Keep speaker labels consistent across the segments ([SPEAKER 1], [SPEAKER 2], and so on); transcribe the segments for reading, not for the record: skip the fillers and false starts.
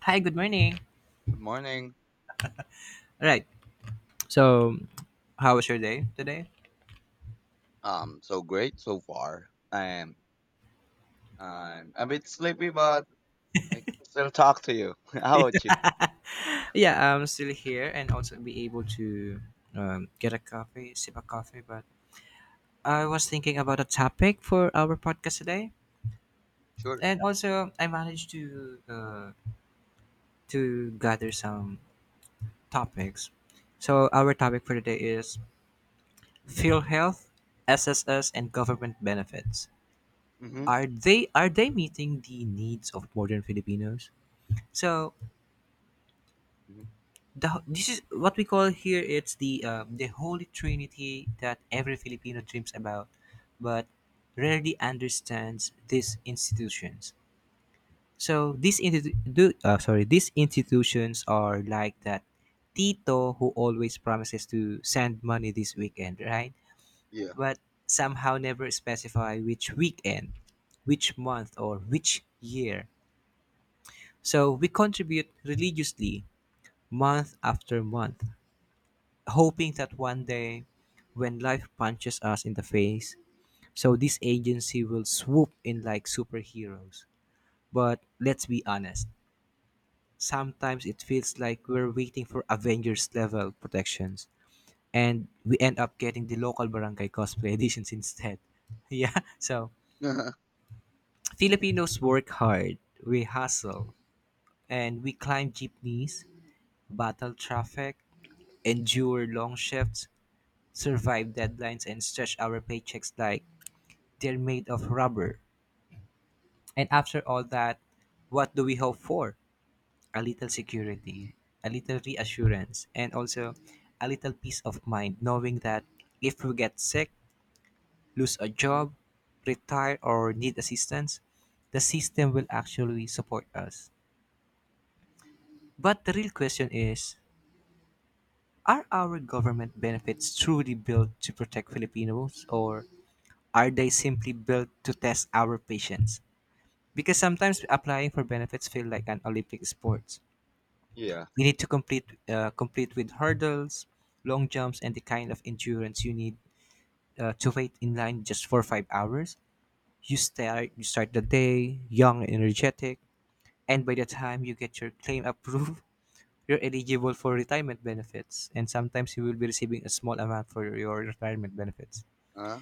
[SPEAKER 1] Hi, good morning.
[SPEAKER 2] Good morning.
[SPEAKER 1] Right. So, how was your day today?
[SPEAKER 2] So great so far. I'm a bit sleepy, but I can still talk to you. How about you?
[SPEAKER 1] Yeah, I'm still here and also be able to get a coffee, sip a coffee. But I was thinking about a topic for our podcast today,
[SPEAKER 2] Sure.
[SPEAKER 1] and also I managed to gather some topics. So our topic for today is field health, SSS, and government benefits.
[SPEAKER 2] Mm-hmm.
[SPEAKER 1] Are they meeting the needs of modern Filipinos? So
[SPEAKER 2] Hmm.
[SPEAKER 1] the this is what we call here. It's the holy trinity that every Filipino dreams about, but rarely understands these institutions. So these institutions are like that tito who always promises to send money this weekend, right?
[SPEAKER 2] Yeah.
[SPEAKER 1] But somehow never specify which weekend, which month, or which year. So we contribute religiously, month after month, hoping that one day, when life punches us in the face, so this agency will swoop in like superheroes. But let's be honest, sometimes it feels like we're waiting for Avengers level protections, and we end up getting the local barangay cosplay editions instead. Yeah, so
[SPEAKER 2] Mhm.
[SPEAKER 1] Filipinos work hard. We hustle, and we climb jeepneys, battle traffic, endure long shifts, survive deadlines, and stretch our paychecks like they're made of rubber. And after all that, what do we hope for? A little security, a little reassurance, and also a little peace of mind, knowing that if we get sick, lose a job, retire, or need assistance, the system will actually support us. But the real question is, are our government benefits truly built to protect Filipinos, or are they simply built to test our patience? Because sometimes applying for benefits feel like an Olympic sport.
[SPEAKER 2] Yeah.
[SPEAKER 1] You need to complete with hurdles, long jumps, and the kind of endurance you need to wait in line just for 5 hours. You start the day young and energetic, and by the time you get your claim approved, you're eligible for retirement benefits, and sometimes you will be receiving a small amount for your retirement benefits.
[SPEAKER 2] Uh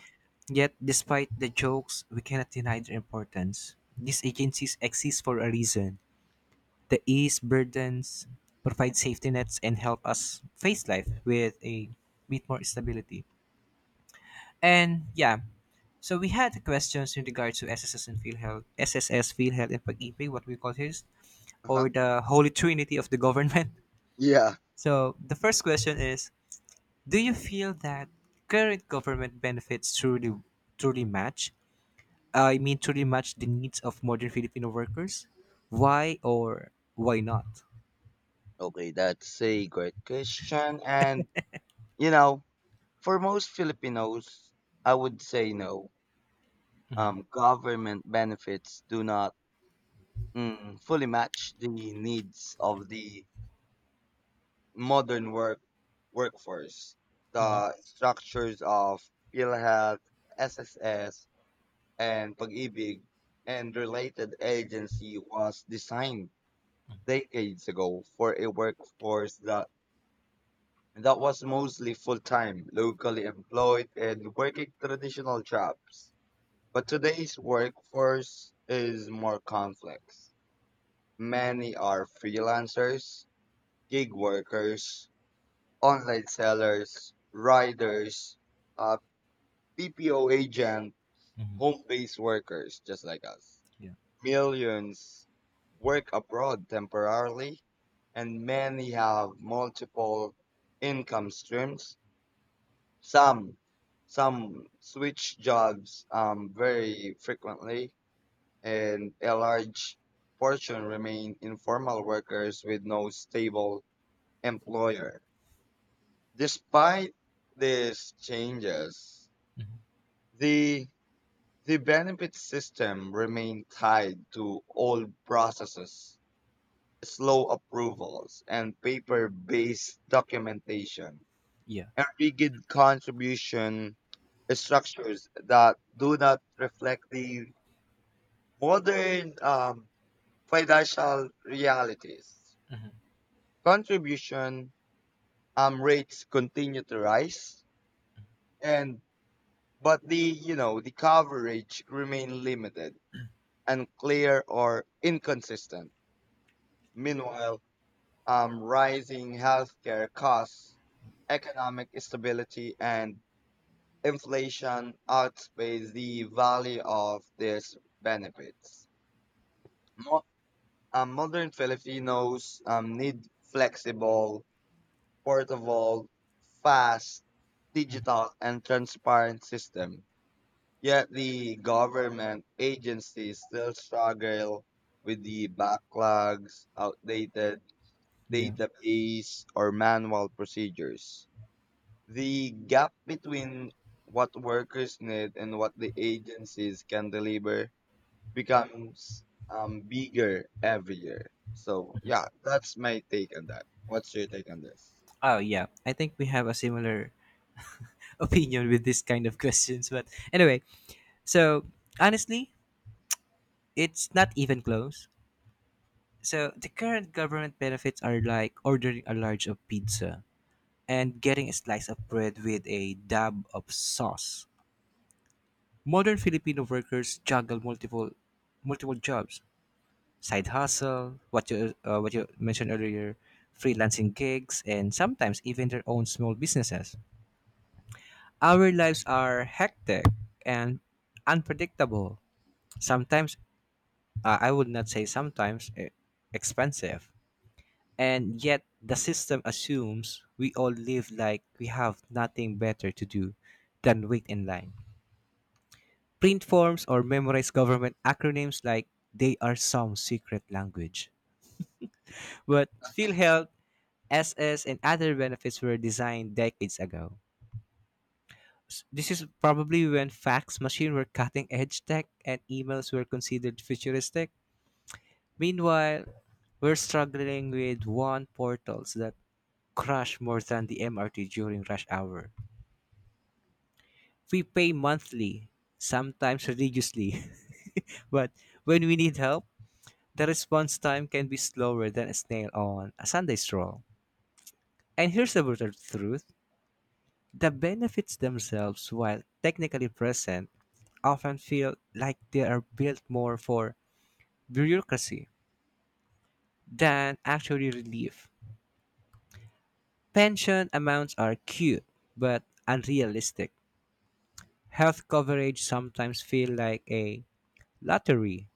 [SPEAKER 1] Yet, despite the jokes, we cannot deny their importance. These agencies exist for a reason. The ease burdens, provide safety nets, and help us face life with a bit more stability. And yeah, so we had questions in regards to SSS and PhilHealth, SSS, PhilHealth, and Pag-ibig, what we call this, or
[SPEAKER 2] huh.
[SPEAKER 1] the holy trinity of the government.
[SPEAKER 2] Yeah.
[SPEAKER 1] So the first question is, do you feel that current government benefits truly match? I mean, truly match the needs of modern Filipino workers? Why or why not?
[SPEAKER 2] Okay, that's a great question, and you know, for most Filipinos, I would say no. Government benefits do not fully match the needs of the modern workforce. The structures of PhilHealth, SSS, and Pag-ibig and related agency was designed decades ago for a workforce that was mostly full-time, locally employed, and working traditional jobs. But today's workforce is more complex. Many are freelancers, gig workers, online sellers, riders, uh, PPO agent,
[SPEAKER 1] Mhm.
[SPEAKER 2] home-based workers just like us.
[SPEAKER 1] Yeah,
[SPEAKER 2] Millions work abroad temporarily, and many have multiple income streams. Some some switch jobs very frequently, and a large portion remain informal workers with no stable employer. Despite these changes, the the benefit system remained tied to old processes, slow approvals, and paper-based documentation,
[SPEAKER 1] yeah,
[SPEAKER 2] and rigid contribution structures that do not reflect the modern financial realities. Contribution rates continue to rise, and but the you know the coverage remained limited, unclear, or inconsistent. Meanwhile, rising healthcare costs, economic instability, and inflation outpace the value of these benefits. Mo- Modern Filipinos need flexible, portable, fast, digital, and transparent system. Yet the government agencies still struggle with the backlogs, outdated
[SPEAKER 1] yeah.
[SPEAKER 2] database, or manual procedures. The gap between what workers need and what the agencies can deliver becomes bigger every year. So, yeah, that's my take on that. What's your take on this?
[SPEAKER 1] Oh yeah, I think we have a similar opinion with this kind of questions. But anyway, so honestly, it's not even close. So the current government benefits are like ordering a large of pizza and getting a slice of bread with a dab of sauce. Modern Filipino workers juggle multiple jobs, side hustle, what you mentioned earlier, freelancing gigs, and sometimes even their own small businesses. Our lives are hectic and unpredictable. Sometimes, I would not say sometimes, eh, expensive. And yet, the system assumes we all live like we have nothing better to do than wait in line, print forms, or memorize government acronyms like they are some secret language. But PhilHealth, SS, and other benefits were designed decades ago. This is probably when fax machines were cutting edge tech and emails were considered futuristic. Meanwhile, we're struggling with one portals that crash more than the MRT during rush hour. We pay monthly, sometimes religiously, but when we need help, the response time can be slower than a snail on a Sunday stroll. And here's the brutal truth. The benefits themselves, while technically present, often feel like they are built more for bureaucracy than actually relief. Pension amounts are cute but unrealistic. Health coverage sometimes feel like a lottery.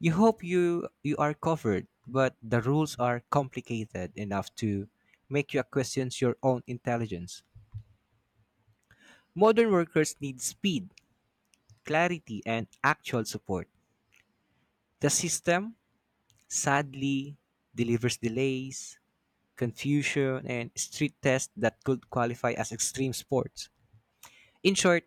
[SPEAKER 1] You hope you are covered, but the rules are complicated enough to make you question your own intelligence. Modern workers need speed, clarity, and actual support. The system, sadly, delivers delays, confusion, and street tests that could qualify as extreme sports. In short,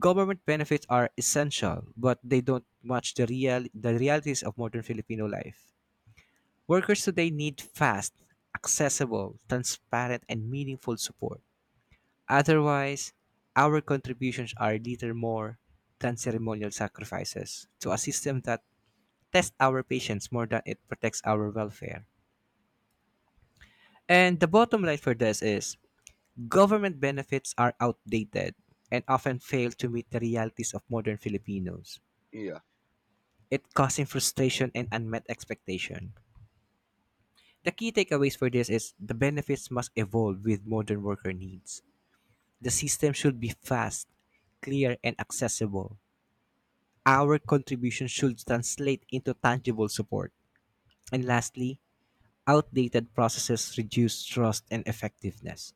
[SPEAKER 1] government benefits are essential, but they don't match the realities of modern Filipino life. Workers today need fast, accessible, transparent, and meaningful support. Otherwise, our contributions are little more than ceremonial sacrifices to a system that tests our patience more than it protects our welfare. And the bottom line for this is, government benefits are outdated and often fail to meet the realities of modern Filipinos,
[SPEAKER 2] Yeah.
[SPEAKER 1] it causing frustration and unmet expectation. The key takeaways for this is the benefits must evolve with modern worker needs. The system should be fast, clear, and accessible. Our contribution should translate into tangible support. And lastly, outdated processes reduce trust and effectiveness.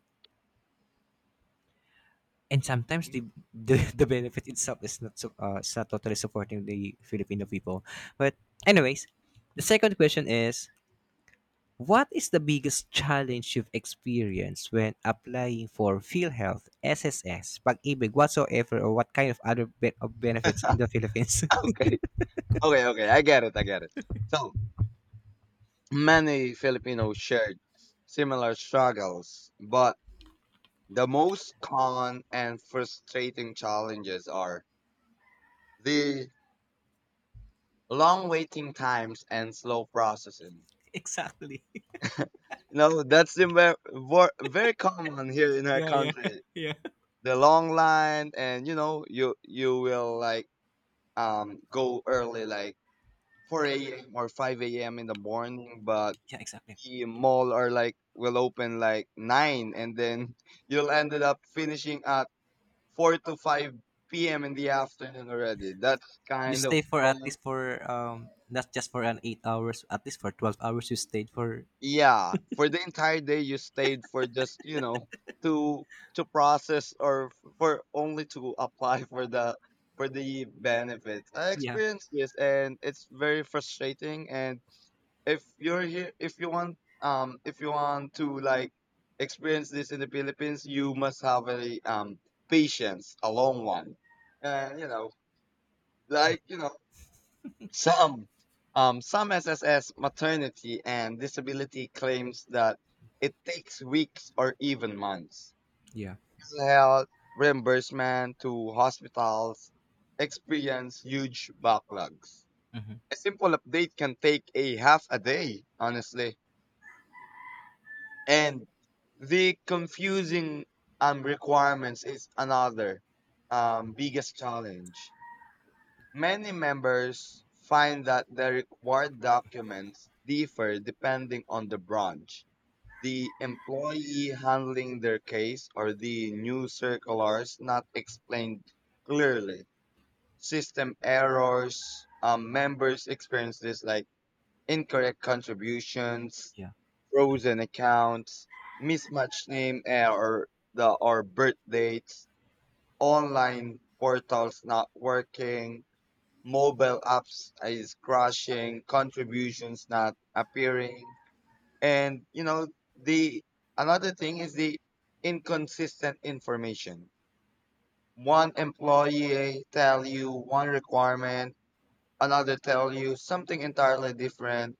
[SPEAKER 1] And sometimes the benefit itself is not so, it's not totally supporting the Filipino people. But anyways, the second question is, what is the biggest challenge you've experienced when applying for PhilHealth, SSS, Pag-ibig, whatsoever, or what kind of other be- of benefits in the Philippines?
[SPEAKER 2] Okay. Okay. Okay. I get it. I get it. So, many Filipinos shared similar struggles, but the most common and frustrating challenges are the long waiting times and slow processing.
[SPEAKER 1] Exactly.
[SPEAKER 2] You know, that's the very common here in our
[SPEAKER 1] Yeah, yeah,
[SPEAKER 2] country.
[SPEAKER 1] yeah.
[SPEAKER 2] The long line, and you know, you will like go early, like 4 a.m. or 5 a.m. in the morning, but
[SPEAKER 1] Yeah, exactly.
[SPEAKER 2] the mall are like will open like nine, and then you'll ended up finishing at 4 to 5 p.m. in the afternoon already. That's
[SPEAKER 1] You
[SPEAKER 2] kind of
[SPEAKER 1] stay for at
[SPEAKER 2] long.
[SPEAKER 1] least for not just for an 8 hours, at least for 12 hours you stayed for.
[SPEAKER 2] Yeah, for the entire day you stayed for just you know to to process or for only to apply for the benefits. I
[SPEAKER 1] Yeah.
[SPEAKER 2] experienced this and it's very frustrating. And if you're here, if you want to like experience this in the Philippines, you must have a patience, a long one. And you know, like you know some some SSS maternity and disability claims that it takes weeks or even months.
[SPEAKER 1] Yeah.
[SPEAKER 2] Health reimbursement to hospitals experience huge backlogs.
[SPEAKER 1] Hmm.
[SPEAKER 2] A simple update can take a half a day, honestly. And the confusing requirements is another biggest challenge. Many members find that the required documents differ depending on the branch, the employee handling their case, or the new circulars not explained clearly. System errors, members experience this like incorrect contributions,
[SPEAKER 1] Yeah.
[SPEAKER 2] frozen accounts, mismatched name, or the or birth dates, online portals not working, mobile apps is crashing, contributions not appearing, and you know the another thing is the inconsistent information. One employee tell you one requirement, another tell you something entirely different.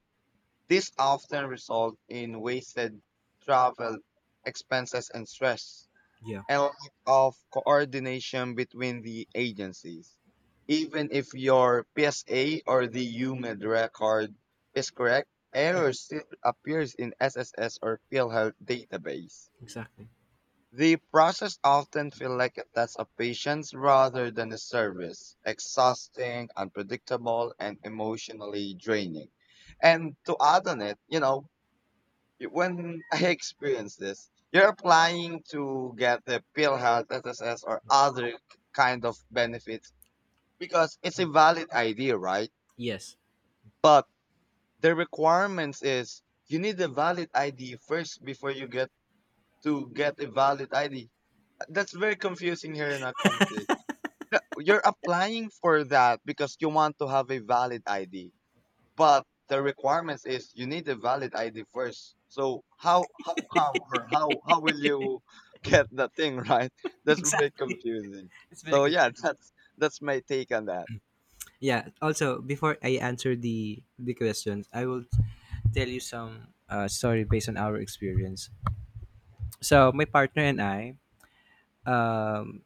[SPEAKER 2] This often results in wasted travel expenses and stress,
[SPEAKER 1] Yeah.
[SPEAKER 2] and lack of coordination between the agencies. Even if your PSA or the UMED record is correct, error still appears in SSS or PhilHealth database.
[SPEAKER 1] Exactly.
[SPEAKER 2] The process often feels like a test of patience rather than a service, exhausting, unpredictable, and emotionally draining. And to add on it, you know, when I experienced this, you're applying to get the PhilHealth, SSS, or other kind of benefits because it's a valid ID, right?
[SPEAKER 1] Yes.
[SPEAKER 2] But the requirements is you need a valid ID first before you get a valid ID. That's very confusing here in our country. You're applying for that because you want to have a valid ID. But the requirements is you need a valid ID first. So how come, or how will you get the thing, right? That's really
[SPEAKER 1] Exactly.
[SPEAKER 2] confusing.
[SPEAKER 1] It's very
[SPEAKER 2] So
[SPEAKER 1] good.
[SPEAKER 2] yeah, that's my take on that.
[SPEAKER 1] Yeah. Also, before I answer the questions, I will tell you some story based on our experience. So my partner and I, um,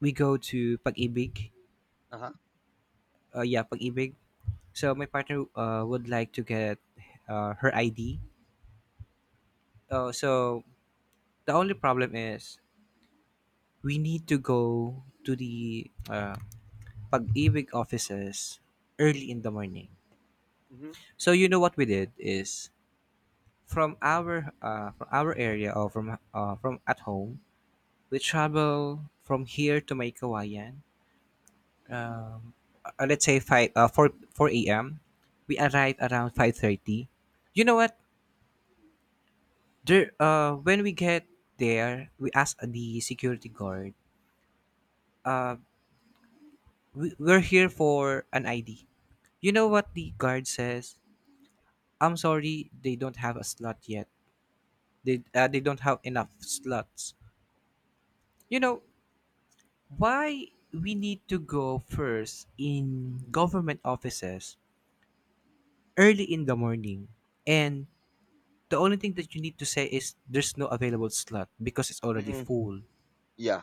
[SPEAKER 1] we go to Pag-ibig.
[SPEAKER 2] Uh huh.
[SPEAKER 1] Yeah, Pag-ibig. So my partner would like to get her ID. So the only problem is we need to go to the Pag-ibig offices early in the morning.
[SPEAKER 2] Hmm.
[SPEAKER 1] So you know what we did is, from our area, or from at home, we travel from here to my kawayan, um, let's say 5 4 a.m. We arrive around 5:30. You know what, there, when we get there, we ask the security guard, uh, we're here for an ID. You know what the guard says? I'm sorry, they don't have a slot yet. They don't have enough slots. You know why we need to go first in government offices early in the morning? And the only thing that you need to say is, there's no available slot because it's already
[SPEAKER 2] Hmm.
[SPEAKER 1] full.
[SPEAKER 2] Yeah.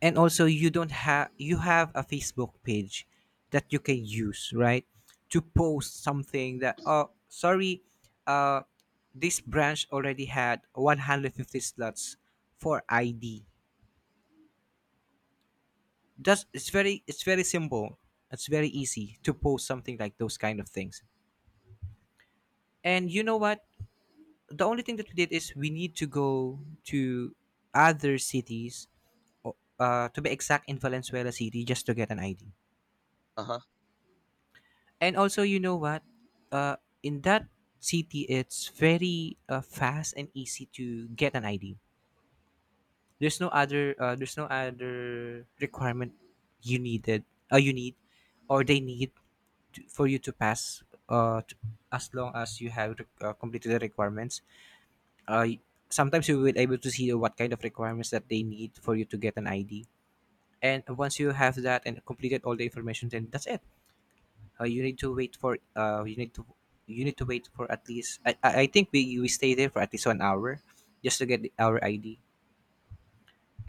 [SPEAKER 1] And also, you don't have, you have a Facebook page that you can use, right? To post something, that oh sorry, uh this branch already had 150 slots for ID. Just, it's very simple. It's very easy to post something like those kind of things. And you know what, the only thing that we did is we need to go to other cities, to be exact, in Valenzuela City, just to get an ID.
[SPEAKER 2] Uh huh.
[SPEAKER 1] And also, you know what, uh, in that city it's very fast and easy to get an ID. There's no other requirement you needed. You need, or they need to, for you to pass, t as long as you have completed the requirements. uh, y- Sometimes you will able to see what kind of requirements that they need for you to get an ID. And once you have that and completed all the information, then that's it. You need to wait for you need to wait for at least, I think we stay there for at least 1 hour, just to get our ID.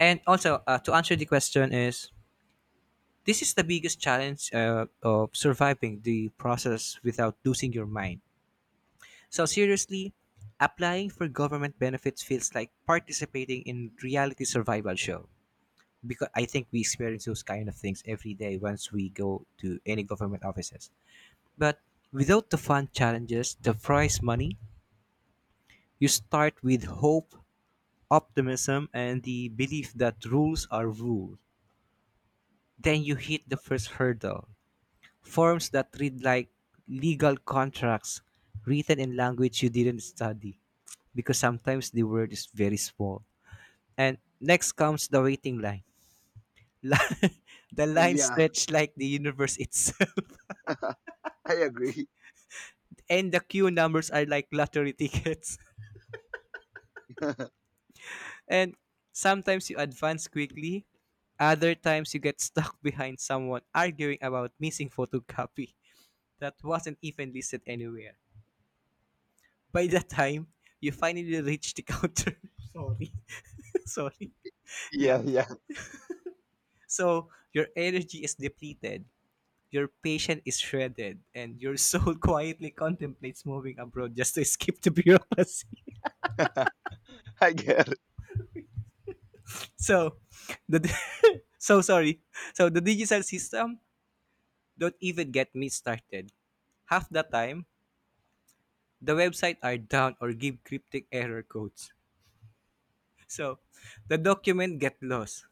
[SPEAKER 1] And also, to answer the question is, this is the biggest challenge, of surviving the process without losing your mind. So seriously, applying for government benefits feels like participating in reality survival show, because I think we experience those kind of things every day once we go to any government offices. But without the fun challenges, the prize money, you start with hope, optimism, and the belief that rules are rules. Then you hit the first hurdle. Forms that read like legal contracts, written in language you didn't study, because sometimes the word is very small. And next comes the waiting line. Li- the line
[SPEAKER 2] Yeah,
[SPEAKER 1] stretched like the universe itself.
[SPEAKER 2] I agree.
[SPEAKER 1] And the queue numbers are like lottery tickets. And sometimes you advance quickly, other times you get stuck behind someone arguing about missing photocopy that wasn't even listed anywhere. By the time you finally reach the counter. Sorry. sorry, yeah,
[SPEAKER 2] Yeah. Yeah.
[SPEAKER 1] so your energy is depleted, your patience is shredded, and your soul quietly contemplates moving abroad just to escape the bureaucracy.
[SPEAKER 2] I get it.
[SPEAKER 1] so the di- so sorry So the digital system, don't even get me started. Half the time the website are down or give cryptic error codes, so the document get lost.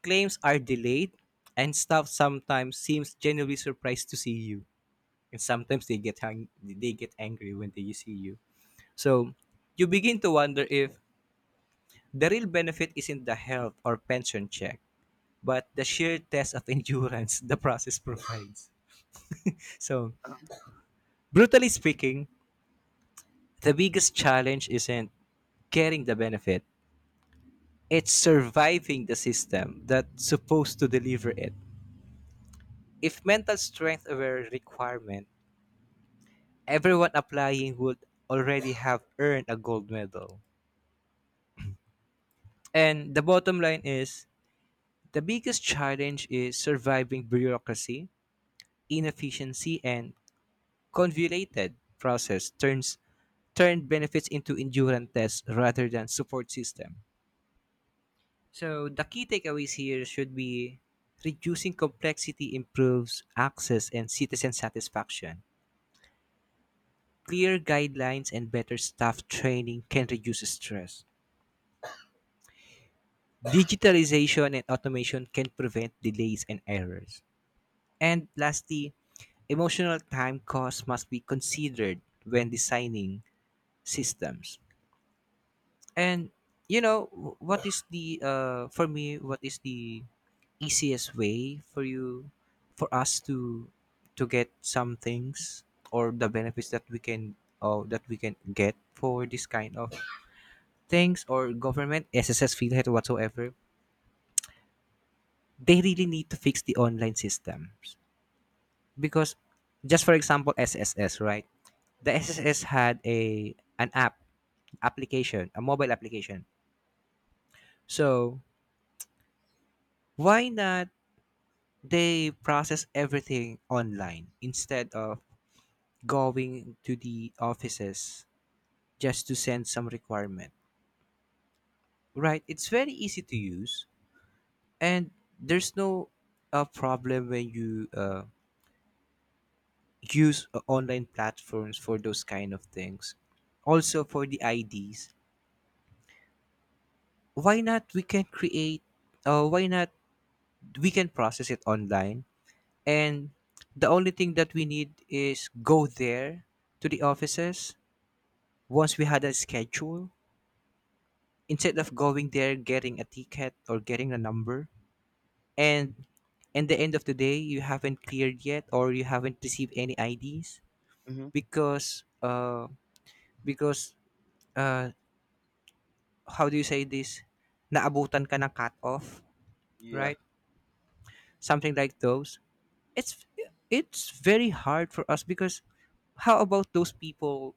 [SPEAKER 1] Claims are delayed, and staff sometimes seems genuinely surprised to see you, and sometimes they get angry when they see you. So you begin to wonder if the real benefit isn't the health or pension check, but the sheer test of endurance the process provides. So, brutally speaking, the biggest challenge isn't getting the benefit, it's surviving the system that's supposed to deliver it. If mental strength were a requirement, everyone applying would already have earned a gold medal. And the bottom line is the biggest challenge is surviving bureaucracy, inefficiency, and convoluted process turns turned benefits into endurance tests rather than support system. So the key takeaways here should be reducing complexity improves access and citizen satisfaction. Clear guidelines and better staff training can reduce stress. Digitalization and automation can prevent delays and errors. And lastly, emotional time cost must be considered when designing systems. And what is the for me, what is the easiest way for you, for us to get some things or the benefits that we can, or that we can get for this kind of things or government SSS feel whatsoever? They really need to fix the online systems, because just for example SSS, right, the SSS had a an app, application, a mobile application. So why not they process everything online instead of going to the offices just to send some requirement, right? It's very easy to use, and there's no problem when you use online platforms for those kind of things. Also for the IDs, why not we can create, why not we can process it online, and the only thing that we need is go there to the offices once we had a schedule, instead of going there getting a ticket or getting a number, and in the end of the day you haven't cleared yet or you haven't received any IDs,
[SPEAKER 2] Hmm.
[SPEAKER 1] because because uh how do you say this? Naabutan ka ng cut-off,
[SPEAKER 2] Yeah,
[SPEAKER 1] right? Something like those. It's it's very hard for us because how about those people?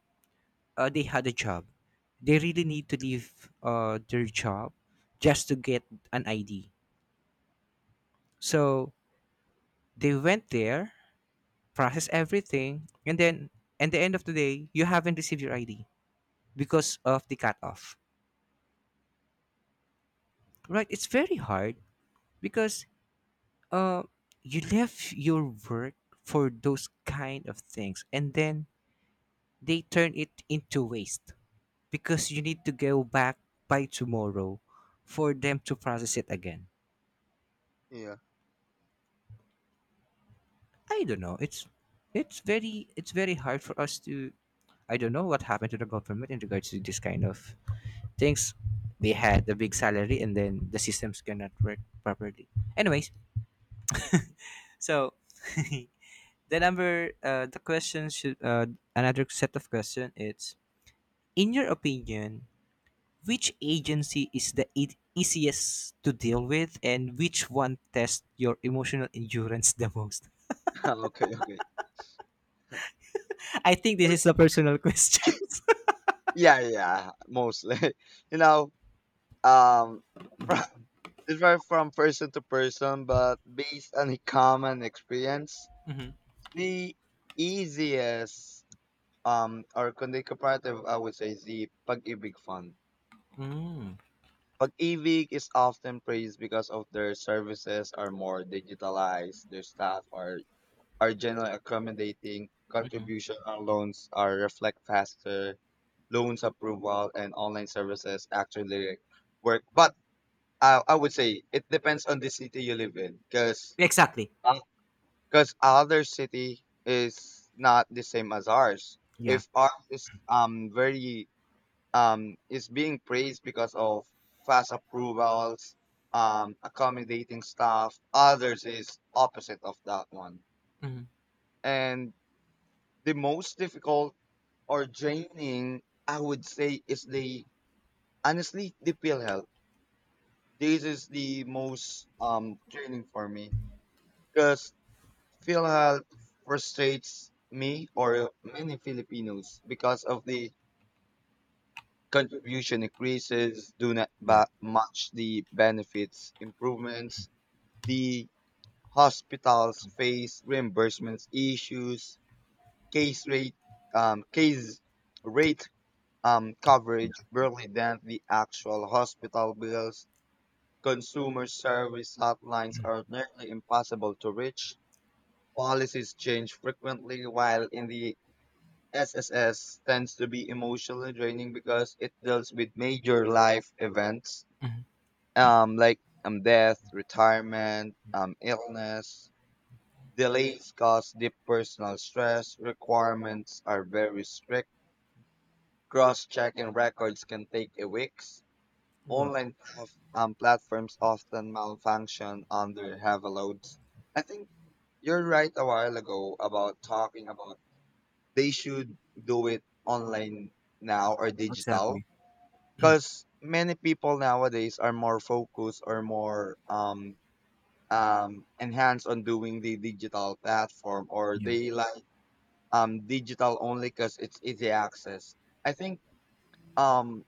[SPEAKER 1] They had a job. They really need to leave their job just to get an ID. So they went there, process everything, and then at the end of the day, you haven't received your ID because of the cut-off, right? It's very hard because uh, you left your work for those kind of things and then they turn it into waste because you need to go back by tomorrow for them to process it again.
[SPEAKER 2] yeah.
[SPEAKER 1] I don't know, it's it's very hard for us to, I don't know what happened to the government in regards to this kind of things. They had a big salary and then the systems cannot work properly. Anyways, so the question should another set of question, it's: in your opinion, which agency is the easiest to deal with and which one tests your emotional endurance the most?
[SPEAKER 2] Okay. Okay.
[SPEAKER 1] I think this
[SPEAKER 2] Or
[SPEAKER 1] is a personal question.
[SPEAKER 2] yeah. Yeah. Mostly. You know. um from differ from person to person, but based on a common experience,
[SPEAKER 1] Mm-hmm.
[SPEAKER 2] the easiest or kung di comparative, I would say, is the Pag-ibig fund.
[SPEAKER 1] Mm-hmm.
[SPEAKER 2] Pag-ibig is often praised because of their services are more digitalized, their staff are generally accommodating, contribution on loans are reflect faster, loans approval and online services actually work. But I would say it depends on the city you live in, because
[SPEAKER 1] Exactly.
[SPEAKER 2] other city is not the same as ours.
[SPEAKER 1] Yeah.
[SPEAKER 2] If ours is very is being praised because of fast approvals, accommodating staff, others is opposite of that one.
[SPEAKER 1] Mm-hmm.
[SPEAKER 2] And the most difficult or draining, I would say, is the honestly, the pill health. This is the most draining for me because PhilHealth frustrates me or many Filipinos because of the contribution increases do not
[SPEAKER 1] Yeah.
[SPEAKER 2] match the benefits improvements. The hospitals face reimbursements issues, case rate, case rate coverage barely than the actual hospital bills. Consumer service hotlines are nearly impossible to reach. Policies change frequently, while in the SSS tends to be emotionally draining because it deals with major life events, like death, retirement, illness. Delays cause deep personal stress. Requirements are very strict. Cross-checking records can take a weeks.
[SPEAKER 1] Well,
[SPEAKER 2] Online platforms often malfunction under heavy loads. I think you're right a while ago about talking about they should do it online now or
[SPEAKER 1] exactly.
[SPEAKER 2] digital because many people nowadays are more focused or more enhanced on doing the digital platform, or
[SPEAKER 1] Yeah.
[SPEAKER 2] they like digital only because it's easy access. I think um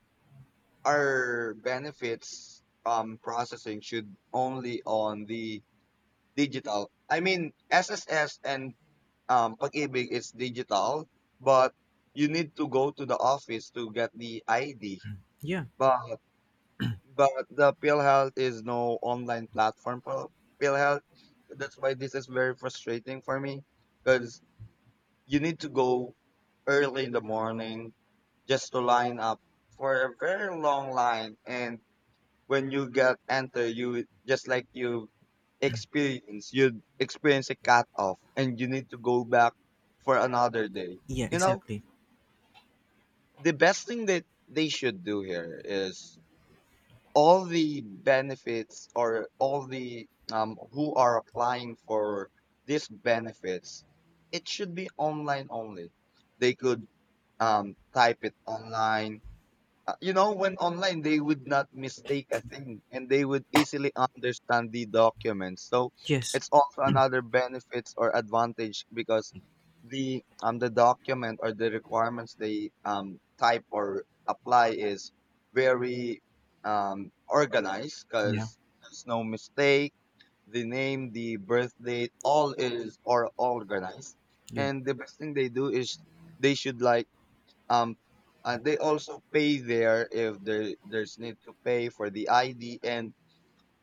[SPEAKER 2] our benefits processing should only on the digital. I mean, SSS and Pag-ibig is digital, but you need to go to the office to get the ID.
[SPEAKER 1] Yeah.
[SPEAKER 2] But but the PhilHealth is no online platform for PhilHealth. That's why this is very frustrating for me because you need to go early in the morning just to line up for a very long line. And when you get enter, you just like you experience a cut off, and you need to go back for another day.
[SPEAKER 1] Yeah,
[SPEAKER 2] You know,
[SPEAKER 1] exactly.
[SPEAKER 2] the best thing that they should do here is all the benefits or all the who are applying for these benefits, it should be online only. They could type it online. You know, when online, they would not mistake a thing, and they would easily understand the documents. So
[SPEAKER 1] Yes.
[SPEAKER 2] it's also another benefits or advantage because the document or the requirements they type or apply is very organized
[SPEAKER 1] Yeah.
[SPEAKER 2] because there's no mistake. The name, the birth date, all is or organized.
[SPEAKER 1] Yeah.
[SPEAKER 2] And the best thing they do is they should like um they also pay there if there's need to pay for the ID, and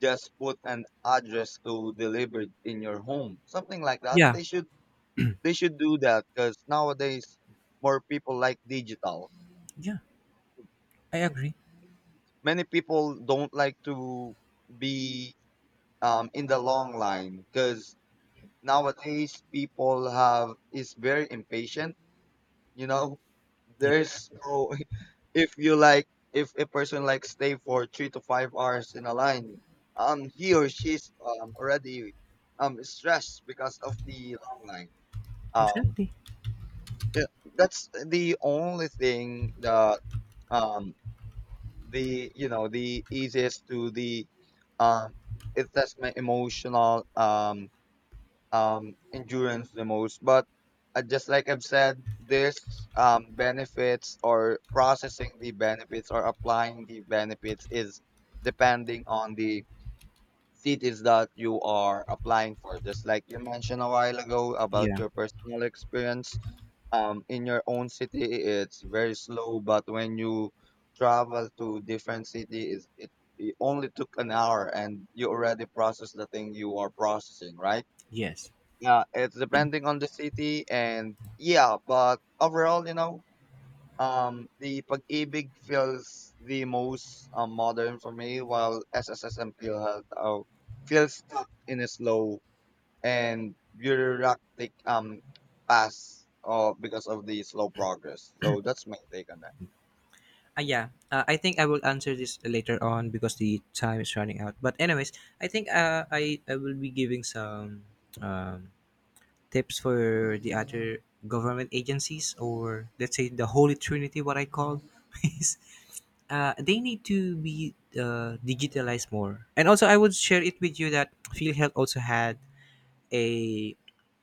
[SPEAKER 2] just put an address to deliver it in your home, something like that.
[SPEAKER 1] Yeah.
[SPEAKER 2] They should do that because nowadays more people like digital.
[SPEAKER 1] Yeah, I agree.
[SPEAKER 2] Many people don't like to be in the long line because nowadays people have is very impatient, you know,
[SPEAKER 1] Yeah.
[SPEAKER 2] there's no. if you like if a person like stay for 3 to 5 hours in a line, he or she's already stressed because of the long line. um
[SPEAKER 1] Exactly.
[SPEAKER 2] yeah, that's the only thing that um the you know the easiest to the um it that's my emotional endurance the most. But just like I've said, this benefits or processing the benefits or applying the benefits is depending on the cities that you are applying for. Just like you mentioned a while ago about
[SPEAKER 1] Yeah.
[SPEAKER 2] your personal experience in your own city, it's very slow. But when you travel to different cities, it only took an hour and you already processed the thing you are processing, right?
[SPEAKER 1] Yes.
[SPEAKER 2] Yeah, it's depending on the city, and yeah, but overall, you know, the Pag-ibig feels the most modern for me, while SSS and PhilHealth are, feel stuck in a slow and bureaucratic pass or because of the slow progress. So that's my take on that.
[SPEAKER 1] Yeah, I think I will answer this later on because the time is running out. But anyways, I think I will be giving some um, tips for the other government agencies, or let's say the Holy Trinity, what I call is they need to be digitalized more. And also, I would share it with you that PhilHealth also had a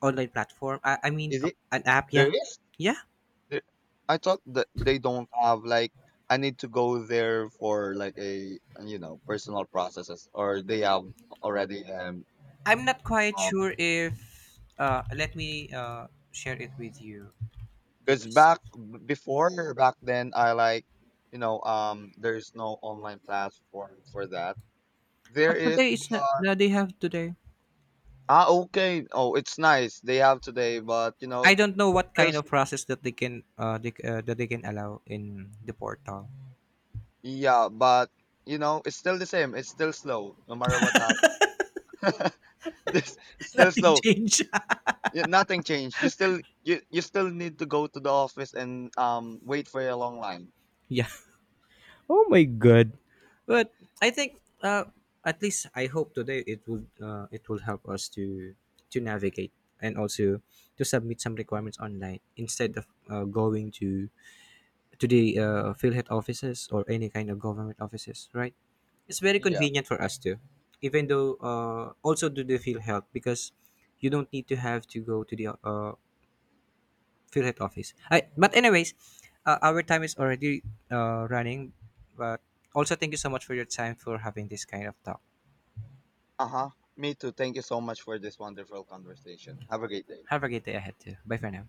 [SPEAKER 1] online platform.
[SPEAKER 2] Is it
[SPEAKER 1] An app.
[SPEAKER 2] there
[SPEAKER 1] Yeah,
[SPEAKER 2] is.
[SPEAKER 1] yeah.
[SPEAKER 2] They- I thought that they don't have like, I need to go there for like a you know personal processes, or they have already
[SPEAKER 1] I'm not quite
[SPEAKER 2] um
[SPEAKER 1] sure if let me share it with you.
[SPEAKER 2] because
[SPEAKER 1] This,
[SPEAKER 2] back before back then I like you know there's no online platform for that. There
[SPEAKER 1] but
[SPEAKER 2] is,
[SPEAKER 1] today is not
[SPEAKER 2] but
[SPEAKER 1] that they have today.
[SPEAKER 2] ah, okay. Oh, it's nice they have today, but you know
[SPEAKER 1] I don't know what
[SPEAKER 2] still
[SPEAKER 1] kind of process that they can that they can allow in the portal.
[SPEAKER 2] yeah, but you know it's still the same, it's still slow no matter what happens. This it's still
[SPEAKER 1] Nothing
[SPEAKER 2] slow.
[SPEAKER 1] changed.
[SPEAKER 2] Yeah, nothing changed. You still you still need to go to the office and wait for a long line.
[SPEAKER 1] Yeah, oh my god. But I think at least I hope today it would it will help us to navigate and also to submit some requirements online instead of going to the field head offices or any kind of government offices, right? It's very
[SPEAKER 2] Yeah.
[SPEAKER 1] convenient for us too, even though also do the field health because you don't need to have to go to the field health office. But anyways, our time is already running. But also thank you so much for your time for having this kind of talk.
[SPEAKER 2] Uh-huh. Me too. Thank you so much for this wonderful conversation. Have a great day.
[SPEAKER 1] Have a great day ahead too. Bye for now.